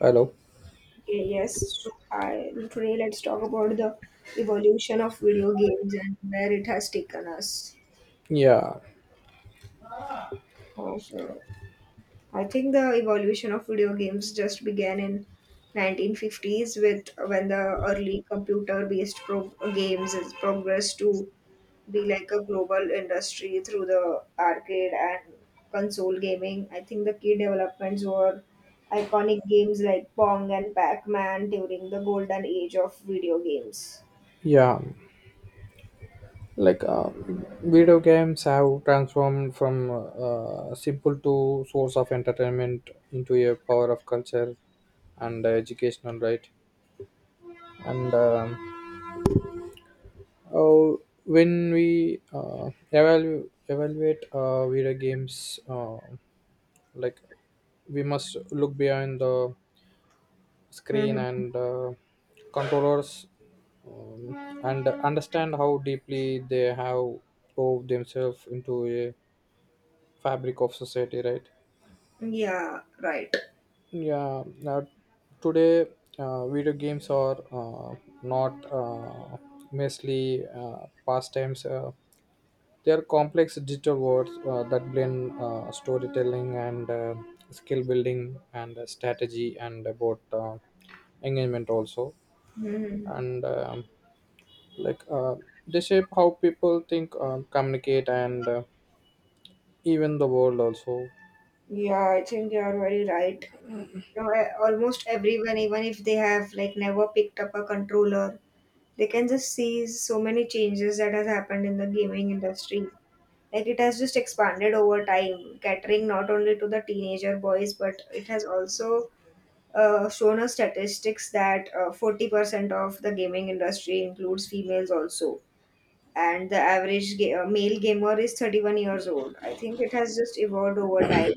Hello. Okay. Yes, so I, today let's talk about the evolution of video games and where it has taken us. Yeah, So I think the evolution of video games just began in 1950s with when the early computer-based pro games has progressed to be like a global industry through the arcade and console gaming. I think the key developments were iconic games like Pong and Pac-Man during the golden age of video games. yeah. Like video games have transformed from simple to source of entertainment into a power of culture and educational, right. And oh, when we evaluate video games, like we must look behind the screen Mhm. and controllers and understand how deeply they have wove themselves into a fabric of society, right. Yeah, right. yeah Now today, video games are not uh, mostly pastimes. They are complex digital worlds that blend storytelling and skill building and strategy and about engagement also. Mhm. And um, like uh, they shape how people think, communicate, and even the world also. Yeah, I think you are very right. Almost everyone, even if they have like never picked up a controller, they can just see so many changes that has happened in the gaming industry. Like it has just expanded over time, catering not only to the teenager boys, but it has also shown us statistics that 40% of the gaming industry includes females also, and the average male gamer is 31 years old. I think it has just evolved over time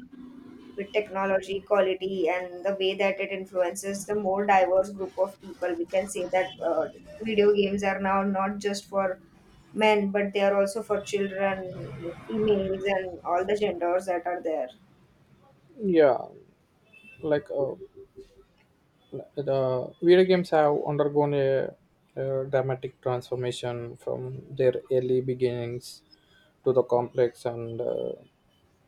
with technology, quality, and the way that it influences the more diverse group of people. We can say that video games are now not just for men, but they are also for children, like females, and all the genders that are there. Yeah like uh, the video games have undergone a dramatic transformation from their early beginnings to the complex and uh,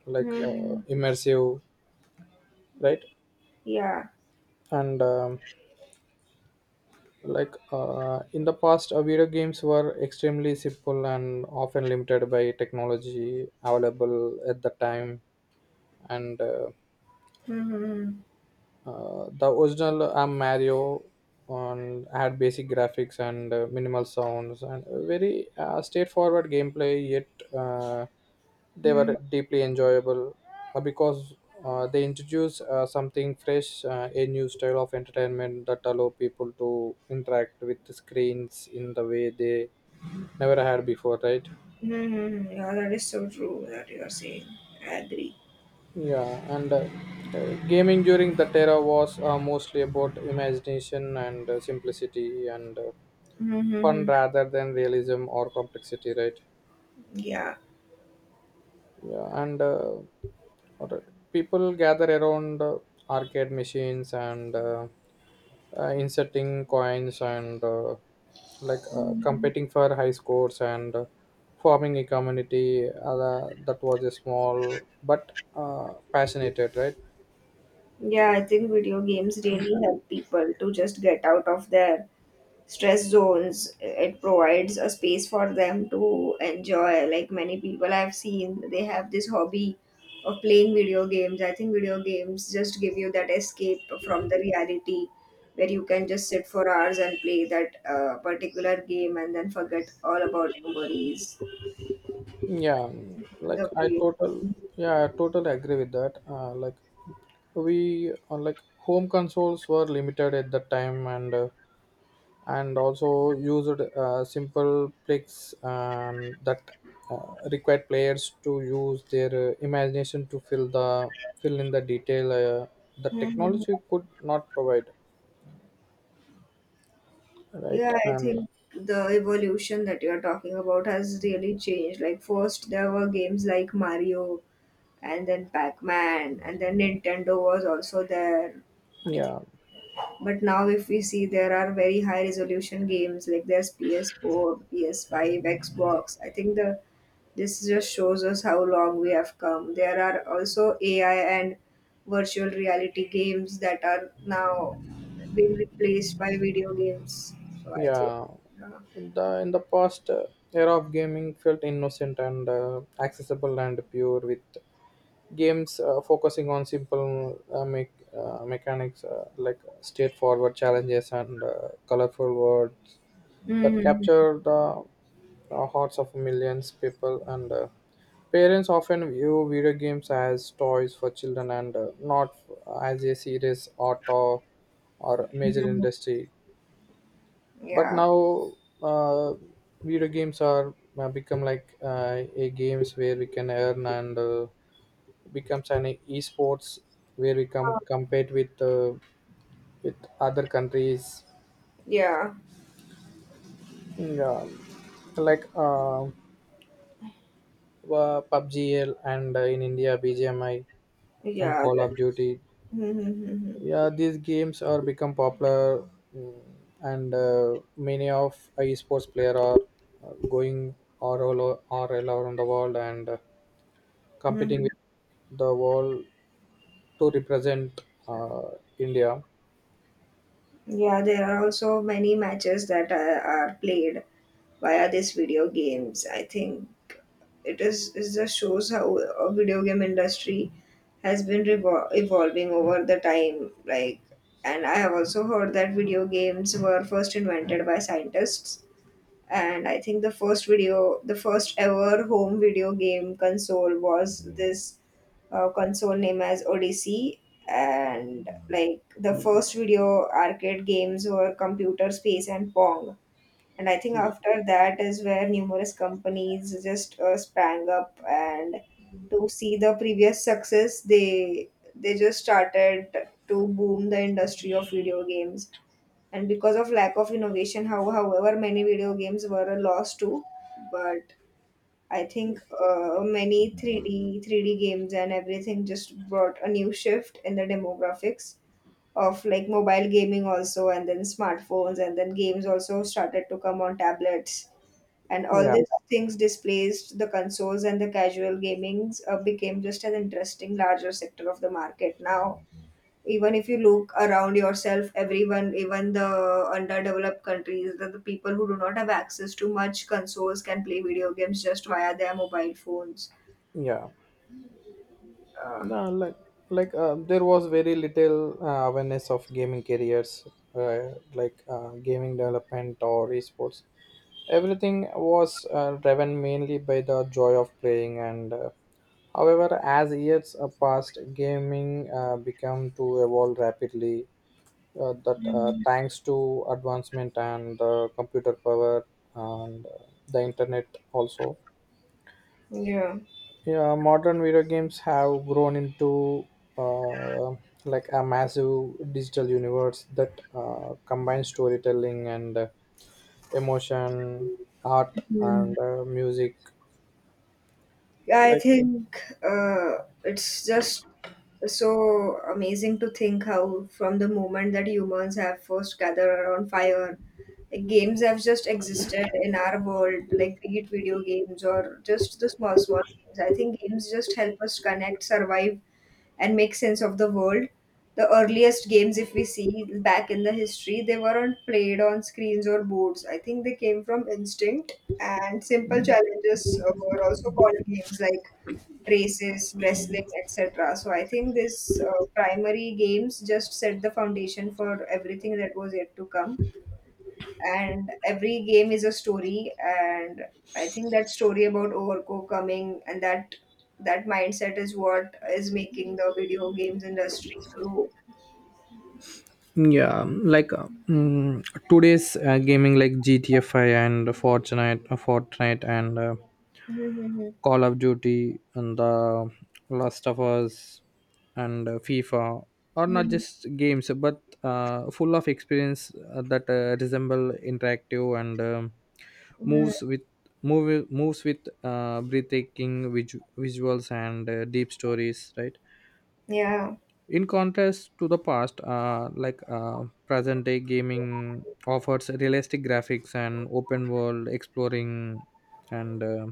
like uh, Mhm. immersive, right. Yeah. And in the past, video games were extremely simple and often limited by technology available at the time. And Mm-hmm. The original Mario on had basic graphics and minimal sounds and a very straightforward gameplay. Yet uh, they Mm-hmm. were deeply enjoyable because they introduce something fresh, a new style of entertainment that allow people to interact with the screens in the way they never had before, right? Mm-hmm. Yeah, that is so true that you are saying. I agree. Yeah, and Gaming during that era was mostly about imagination and simplicity and fun Mm-hmm. rather than realism or complexity, right? Yeah. Yeah, and Alright, people gather around arcade machines and inserting coins and competing for high scores and forming a community that was a small but passionate, right? Yeah, I think video games really help people to just get out of their stress zones. It provides a space for them to enjoy. Like many people I've seen, they have this hobby of playing video games. I think video games just give you that escape from the reality where you can just sit for hours and play that particular game and then forget all about your worries. Yeah, like The I way total yeah, I totally agree with that. Like home consoles were limited at that time, and also used simple tricks that required players to use their imagination to fill in the detail the technology could not provide, Yeah, right? I think the evolution that you're talking about has really changed. Like, first there were games like Mario, and then Pac Man, and then Nintendo was also there. I think yeah, But now, if we see, there are very high resolution games like there's PS4, PS5, Xbox. I think the This just shows us how long we have come. There are also AI and virtual reality games that are now being replaced by video games. So I think, Yeah, yeah, the in the past, era of gaming felt innocent and accessible and pure, with games focusing on simple mechanics, like straightforward challenges and colorful words that Mhm. capture the hearts of millions people. And. Parents often view video games as toys for children and not as a serious art, or major Mhm. industry. But Yeah, now, uh, video games are become like a games where we can earn, and becomes an esports where we can compete with other countries. yeah, Yeah. Like PUBG, and in India BGMI and yeah. Call of Duty. Mhm, mhm, mhm. Yeah, these games are become popular. Mm, and uh, many of esports player are going all around the world and competing Mhm. with the world to represent uh, India. Yeah, there are also many matches that are played via these video games. I think it is It just shows how a video game industry has been evolving over the time. Like, and I have also heard that video games were first invented by scientists. And I think the first ever home video game console was this console named as Odyssey. And like the first video arcade games were Computer Space and Pong, and I think Yeah, after that is where numerous companies just sprang up and to see the previous success, they just started to boom the industry of video games. And because of lack of innovation, however many video games were a loss too, but I think many 3D games and everything just brought a new shift in the demographics of like mobile gaming also, and then smartphones, and then games also started to come on tablets, and all yeah, these things displaced the consoles, and the casual gamings became just an interesting larger sector of the market now. Even if you look around yourself, everyone, even the underdeveloped countries, the people who do not have access to much consoles can play video games just via their mobile phones. yeah. uh, No, like like there was very little awareness of gaming careers, gaming development or esports. Everything was driven mainly by the joy of playing. And. However, as years passed, gaming became to evolve rapidly, that thanks to advancement and computer power and the internet also. yeah. Yeah Modern video games have grown into uh, like a massive digital universe that combines storytelling and emotion, art, Hmm. and music. I like think it's just so amazing to think how, from the moment that humans have first gathered around fire, like games have just existed in our world, like be it video games or just the small, small games. I think games just help us connect, survive, and make sense of the world. The earliest games, if we see back in the history, they weren't played on screens or boards. I think they came from instinct, and simple challenges were also called games like races, wrestling, etc. So I think this primary games just set the foundation for everything that was yet to come, and every game is a story, and I think that story about overco coming and that mindset is what is making the video games industry grow. yeah like uh, mm, today's gaming like gtfi and fortnite and Mm-hmm. Call of Duty and the Last of Us and FIFA are not Mm-hmm. just games, but full of experience that resemble interactive and moves with moves with breathtaking visuals and deep stories, right. Yeah. In contrast to the past, present day gaming offers realistic graphics and open world exploring and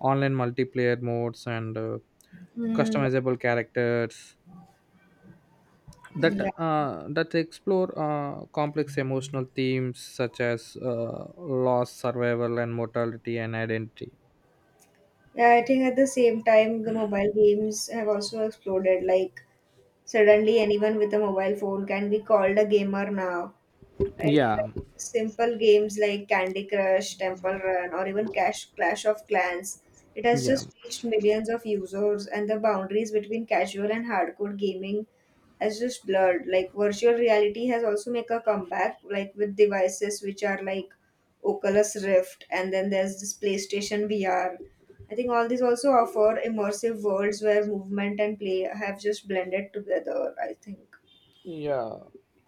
online multiplayer modes and Mm. customizable characters that Yeah. Explore complex emotional themes such as loss, survival, and mortality and identity. Yeah, I think at the same time the mobile games have also exploded. Like, suddenly anyone with a mobile phone can be called a gamer now. It Yeah, Simple games like Candy Crush, Temple Run, or even Cash Clash of Clans. It has yeah. just reached millions of users, and the boundaries between casual and hardcore gaming has just blurred. Like virtual reality has also make a comeback, like with devices which are like Oculus Rift, and then there's this PlayStation VR. I think all these also offer immersive worlds where movement and play have just blended together. I think. Yeah,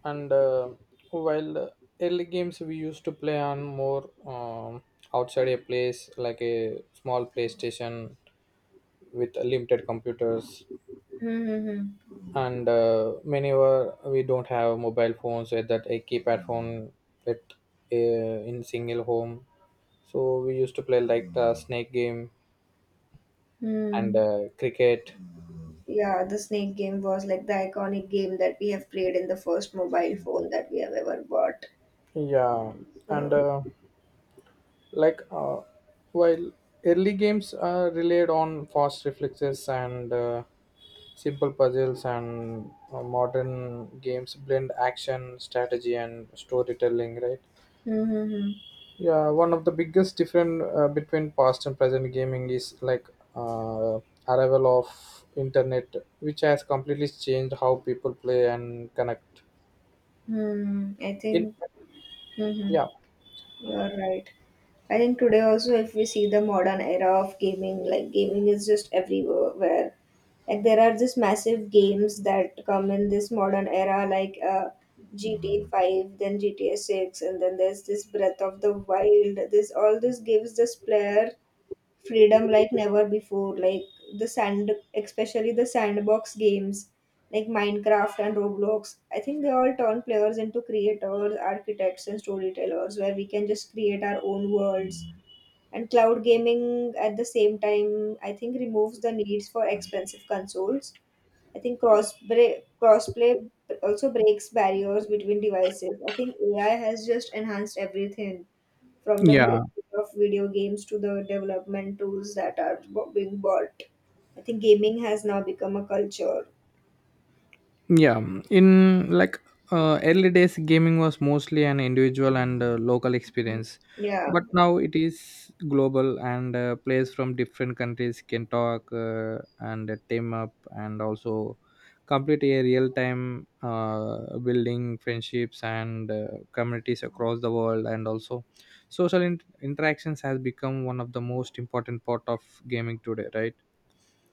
and While early games we used to play on more, outside a place, like a small PlayStation with limited computers, Hmm. Hmm. Hmm. and many were we don't have mobile phones, with that a keypad phone with uh, in single home. So we used to play like the snake game and Hmm. Cricket. Yeah, the snake game was like the iconic game that we have played in the first mobile phone that we have ever bought. Yeah, and. So, Like While early games are relied on fast reflexes and simple puzzles, and modern games blend action, strategy, and storytelling, right. hmm. Yeah, one of the biggest difference between past and present gaming is like uh, arrival of internet, which has completely changed how people play and connect. Hmm. I In think. Hmm. yeah, You're right. I think today also, if we see the modern era of gaming, like gaming is just everywhere. Like there are these massive games that come in this modern era, like GTA 5, then GTA 6, and then there's this Breath of the Wild. This gives this player freedom like never before. Like the sand especially the sandbox games like Minecraft and Roblox, I think they all turn players into creators, architects, and storytellers, where we can just create our own worlds. And cloud gaming at the same time, I think, removes the needs for expensive consoles. I think crossplay also breaks barriers between devices. I think AI has just enhanced everything from the Yeah, behavior of video games to the development tools that are being bought. I think gaming has now become a culture. Yeah, In like early days, gaming was mostly an individual and local experience, Yeah, but now it is global, and players from different countries can talk and team up and also complete a real time, building friendships and communities across the world, and also social interactions has become one of the most important part of gaming today, right?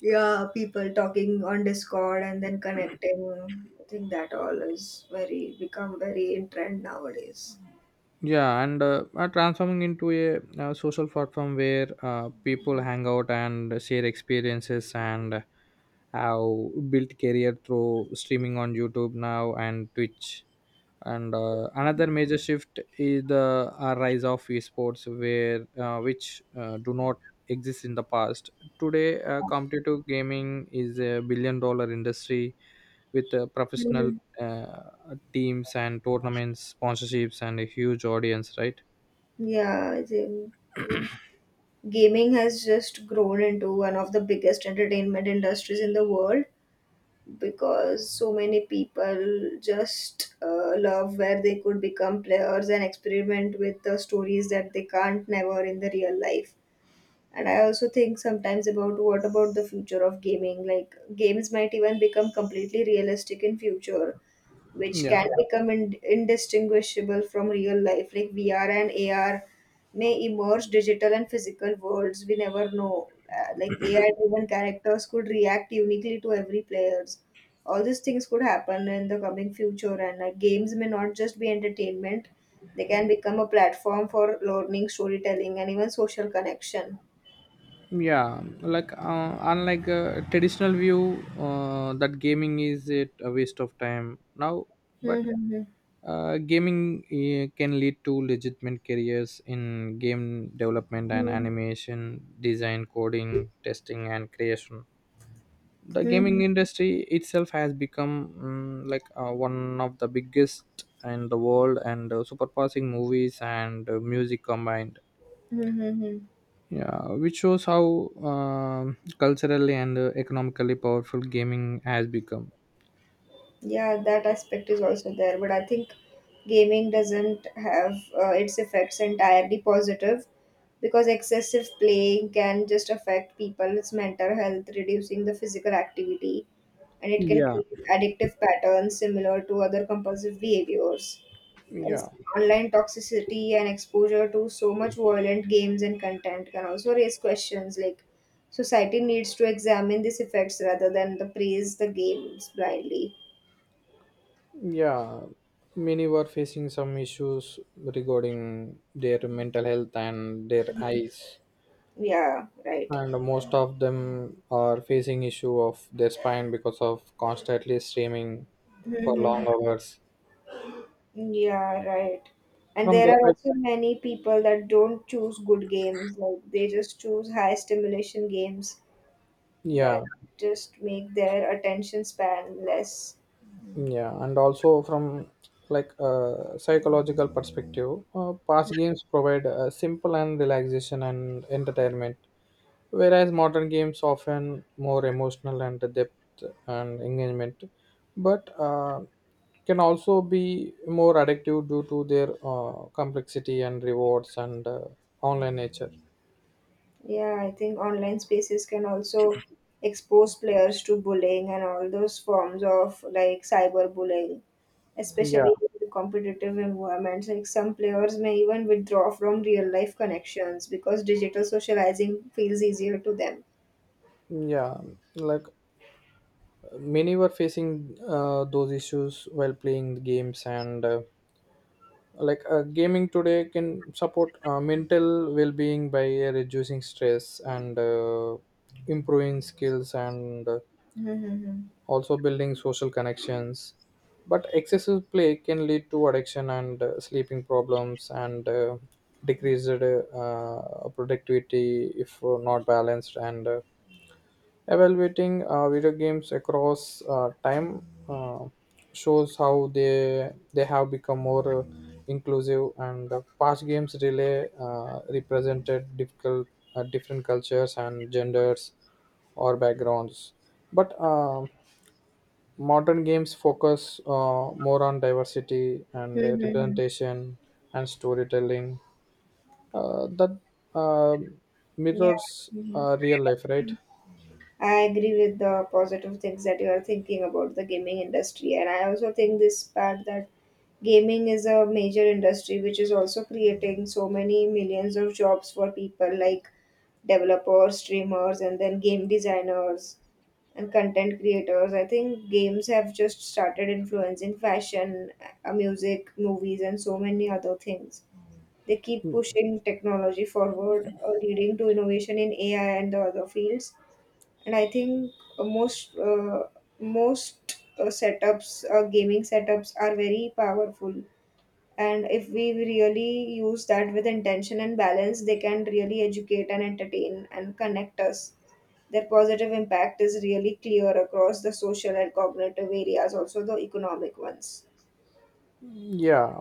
yeah, people talking on Discord and then connecting. I think that all is very become very in trend nowadays. yeah and Are transforming into a, social platform where people hang out and share experiences and have built career through streaming on YouTube now and Twitch, and another major shift is the rise of esports, where which do not exist in the past. Today competitive gaming is a billion-dollar industry with professional Mm. uh, teams and tournaments, sponsorships, and a huge audience, right. Yeah, I think gaming has just grown into one of the biggest entertainment industries in the world because so many people just love where they could become players and experiment with the stories that they can't never in the real life. And I also think sometimes about what about the future of gaming. Like games might even become completely realistic in future, which yeah can become indistinguishable from real life. Like VR and AR may emerge digital and physical worlds. We never know. Like AI-driven characters could react uniquely to every players. All these things could happen in the coming future, and games may not just be entertainment. They can become a platform for learning, storytelling, and even social connection. yeah like uh, unlike a traditional view that gaming is it a waste of time now. Hmm. But Hmm, gaming, can lead to legitimate careers in game development and hmm. animation, design, coding, testing, and creation. The Hmm, gaming hmm, industry itself has become, one of the biggest in the world, and superpassing movies and music combined. hmm, hmm, hmm. Yeah, which shows how culturally and economically powerful gaming has become. Yeah, that aspect is also there, but I think gaming doesn't have its effects entirely positive, because excessive playing can just affect people's mental health, reducing the physical activity, and it can Yeah, create addictive patterns similar to other compulsive behaviors. yeah. As online toxicity and exposure to so much violent games and content can also raise questions, like society needs to examine these effects rather than the praise the games blindly. Yeah, many were facing some issues regarding their mental health and their eyes, Yeah, right. and most of them are facing issue of their spine because of constantly streaming for Hmm. long hours. Yeah, right. And From there the are side, also many people that don't choose good games. Like they just choose high stimulation games that yeah, just make their attention span less. Yeah, and also from like a psychological perspective, past games provide a simple and relaxation and entertainment, whereas modern games often more emotional and depth and engagement, but can also be more addictive due to their complexity and rewards and online nature. Yeah, I think online spaces can also expose players to bullying and all those forms of like cyberbullying, yeah especially in competitive environments. Like some players may even withdraw from real life connections because digital socializing feels easier to them. yeah like many were facing those issues while playing the games, and gaming today can support mental well-being by reducing stress and improving skills and Mm-hmm. also building social connections. But excessive play can lead to addiction and sleeping problems and decreased productivity if not balanced. And Evaluating video games across time shows how they have become more inclusive. And Past games really represented difficult different cultures and genders or backgrounds. But modern games focus more on diversity and Mm-hmm. representation and storytelling that uh, Yeah. mirrors Mhm. Real life, right. I agree with the positive things that you are thinking about the gaming industry, and I also think this part that gaming is a major industry which is also creating so many millions of jobs for people, like developers, streamers, and then game designers, and content creators. I think games have just started influencing fashion, music, movies, and so many other things. They keep pushing technology forward, leading to innovation in AI and the other fields. And I think uh, most uh, most setups, gaming setups, are very powerful, and if we really use that with intention and balance, they can really educate and entertain and connect us. Their positive impact is really clear across the social and cognitive areas, also the economic ones. yeah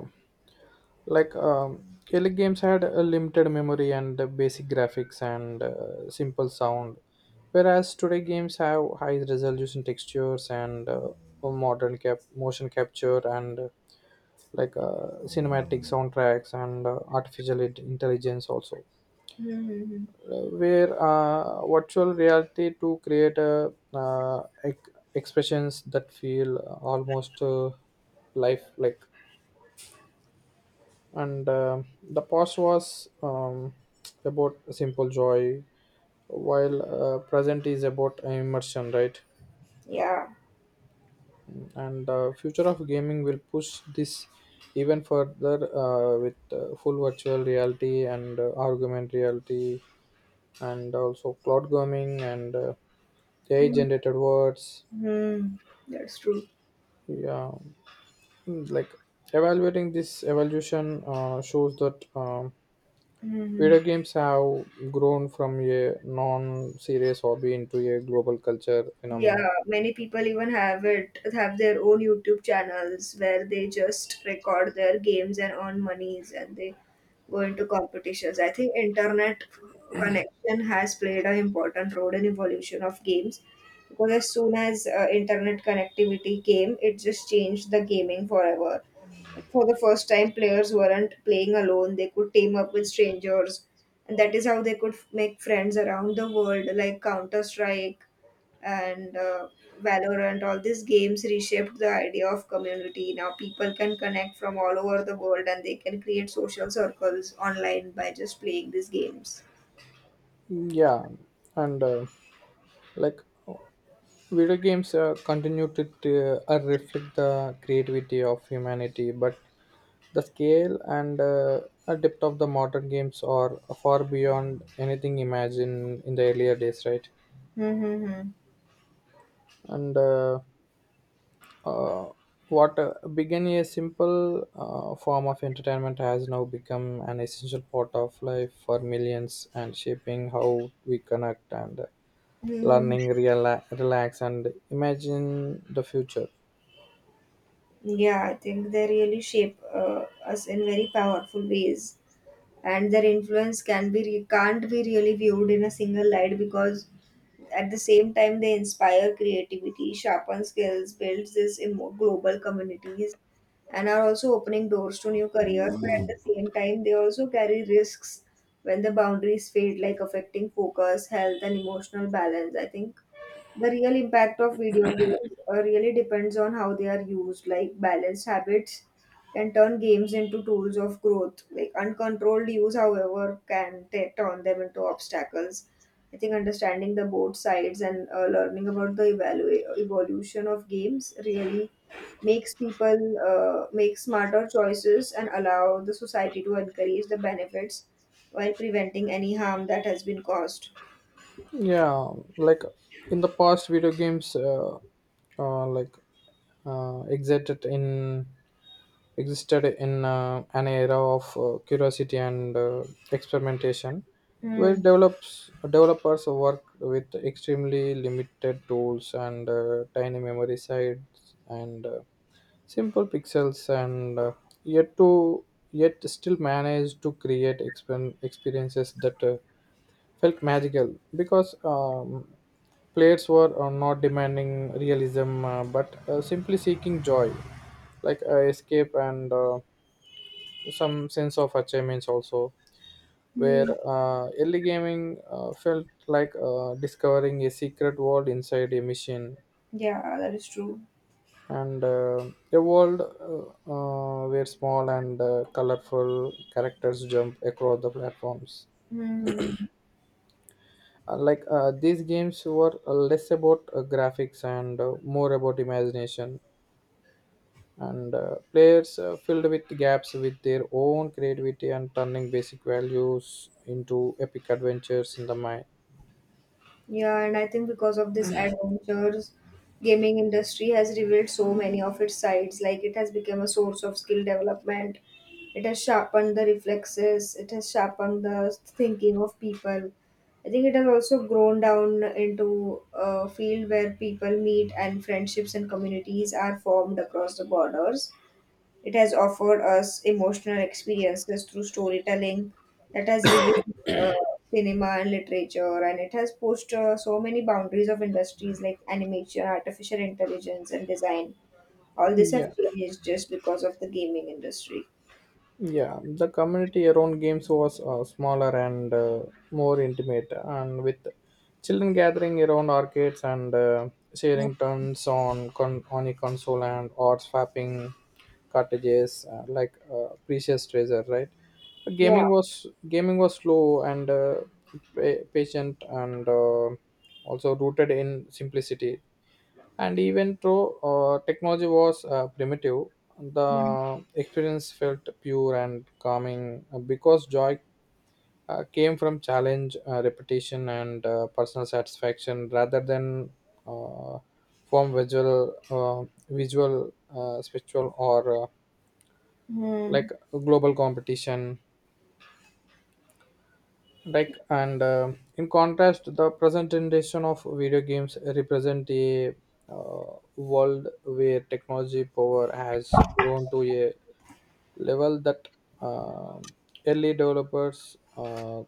like um, Early games had a limited memory and basic graphics and simple sound, whereas today games have high resolution textures and modern motion capture and cinematic soundtracks and artificial intelligence also, Hmm. where virtual reality to create expressions that feel almost life like. And the past was about simple joy while present is about immersion, right. Yeah. And the future of gaming will push this even further, with full virtual reality and augmented reality and also cloud gaming and AI generated words. Hmm. That's true. Yeah, like evaluating this evolution shows that Hmm. video games have grown from a non-serious hobby into a global culture phenomenon. Yeah, many people even have their own YouTube channels where they just record their games and earn monies, and they go into competitions. I think internet connection has played an important role in evolution of games because as soon as internet connectivity came, it just changed the gaming forever. Like, for the first time, players weren't playing alone; they could team up with strangers, and that is how they could make friends around the world, like Counter Strike and Valorant. All these games reshaped the idea of community. Now people can connect from all over the world and they can create social circles online by just playing these games. Yeah, and like video games continue to reflect the creativity of humanity, but the scale and depth of the modern games are far beyond anything imagined in the earlier days, right? Mm-hmm. and uh, what began a simple form of entertainment has now become an essential part of life for millions, and shaping how we connect and learning relax and imagine the future. Yeah, I think they really shape us in very powerful ways, and their influence can can't be really viewed in a single light, because at the same time they inspire creativity, sharpen skills, builds global communities, and are also opening doors to new careers. But at the same time, they also carry risks when the boundaries fade, like affecting focus, health, and emotional balance. I think the real impact of video games really depends on how they are used. Like, balanced habits can turn games into tools of growth. Like, uncontrolled use, however, can turn them into obstacles. I think understanding the both sides and learning about the evolution of games really makes people make smarter choices and allow the society to encourage the benefits while preventing any harm that has been caused. Yeah like in the past, video games like exited in existed in an era of curiosity and experimentation, where Hmm. Developers worked with extremely limited tools and tiny memory sites and simple pixels, and yet to yet still manage to create experiences that felt magical because plates were not demanding realism, but simply seeking joy like escape and some sense of achievements also, Hmm. where early gaming felt like discovering a secret world inside a machine, Yeah, that is true. and a world where small and colorful characters jump across the platforms. Hmm. These games were less about graphics and more about imagination, and players filled with gaps with their own creativity and turning basic values into epic adventures in the mind. Yeah, and I think because of this adventures, gaming industry has revealed so many of its sides. Like, it has become a source of skill development. It has sharpened the reflexes. It has sharpened the thinking of people. I think it has also grown down into a field where people meet and friendships and communities are formed across the borders. It has offered us emotional experiences through storytelling that has revealed uh, cinema and literature, and it has pushed so many boundaries of industries like animation, artificial intelligence, and design. All this have yeah changed just because of the gaming industry. Yeah, the community around games was smaller and more intimate, and with children gathering around arcades and sharing turns on on a console and or swapping cartridges like precious treasure, right? Yeah. Gaming was slow and patient and also rooted in simplicity, and even though technology was primitive, the experience felt pure and calming, because joy came from challenge, repetition, and personal satisfaction rather than uh, from visual, spiritual, or Hmm. Global competition. Like and In contrast, the presentation of video games represent a world where technology power has grown to a level that uh, early developers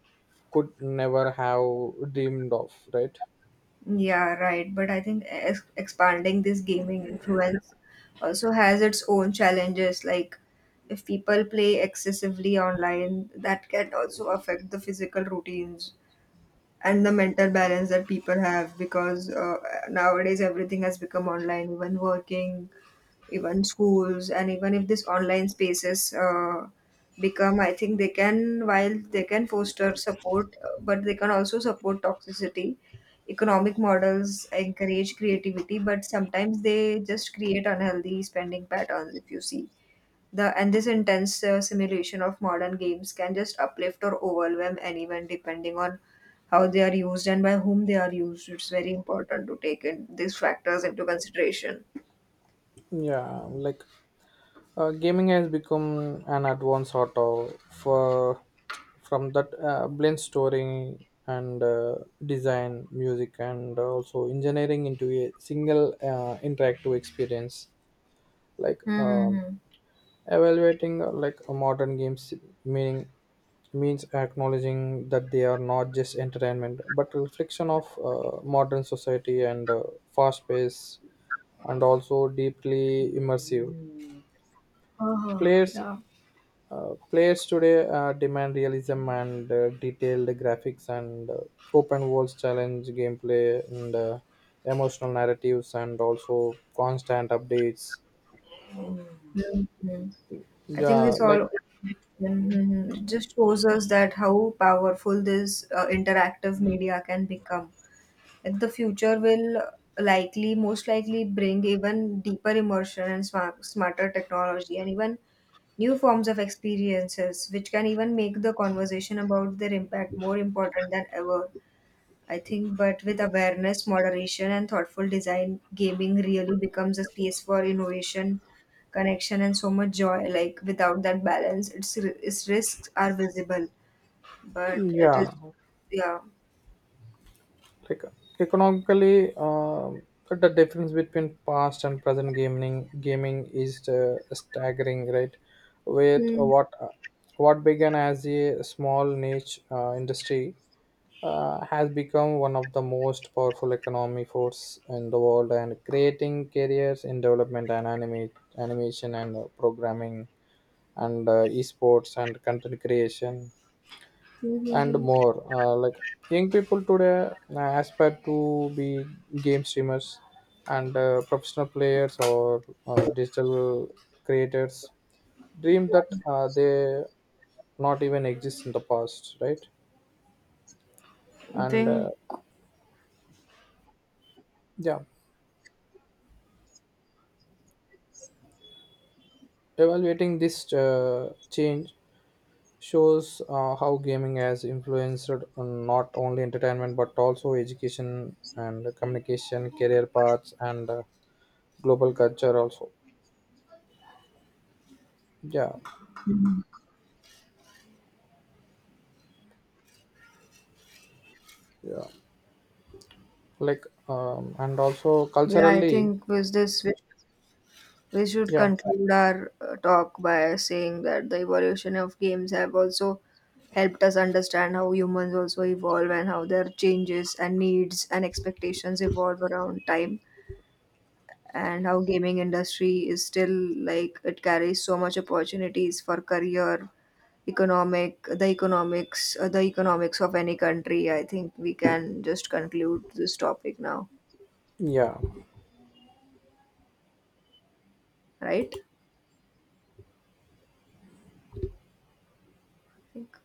could never have dreamed of, right. Yeah, right. But I think ex expanding this gaming influence also has its own challenges. Like, if people play excessively online, that can also affect the physical routines and the mental balance that people have, because nowadays everything has become online, even working, even schools. And even if this online spaces become, I think they can, while they can foster support, but they can also support toxicity. Economic models encourage creativity, but sometimes they just create unhealthy spending patterns, if you see. The and this intense simulation of modern games can just uplift or overwhelm anyone, depending on how they are used and by whom they are used. It's very important to take in these factors into consideration. yeah like Gaming has become an advanced art of, for, from that blends story and design, music, and also engineering into a single interactive experience. Like um, Mm-hmm. Evaluating a modern games meaning means acknowledging that they are not just entertainment, but reflection of modern society and fast pace and also deeply immersive. Players yeah. Players today demand realism and detailed graphics and open worlds, challenge gameplay and emotional narratives, and also constant updates. Mhm. I think Yeah, this like all. Mhm. It just shows us that how powerful this interactive media can become. Like, the future will likely, most likely, bring even deeper immersion and smarter technology, and even new forms of experiences, which can even make the conversation about their impact more important than ever. I think, but with awareness, moderation, and thoughtful design, gaming really becomes a space for innovation, connection, and so much joy. Like, without that balance, its risks are visible, but it yeah, is. Yeah. like Economically, the difference between past and present gaming is staggering, right. with Hmm. What began as a small niche industry has become one of the most powerful economy force in the world, and creating careers in development and animation and programming and esports and content creation and more. Young people today aspire to be game streamers and professional players or digital creators, dream that they not even exist in the past, right. I and think. yeah Evaluating this change shows how gaming has influenced on not only entertainment but also education and communication, career paths and global culture also. yeah yeah and also Yeah, I culturally. think with this we should yeah conclude our talk by saying that the evolution of games have also helped us understand how humans also evolve and how their changes and needs and expectations evolve around time, and how gaming industry is still, like, it carries so much opportunities for career. Economic the economics, the economics of any country. I think we can just conclude this topic now, yeah right? I think.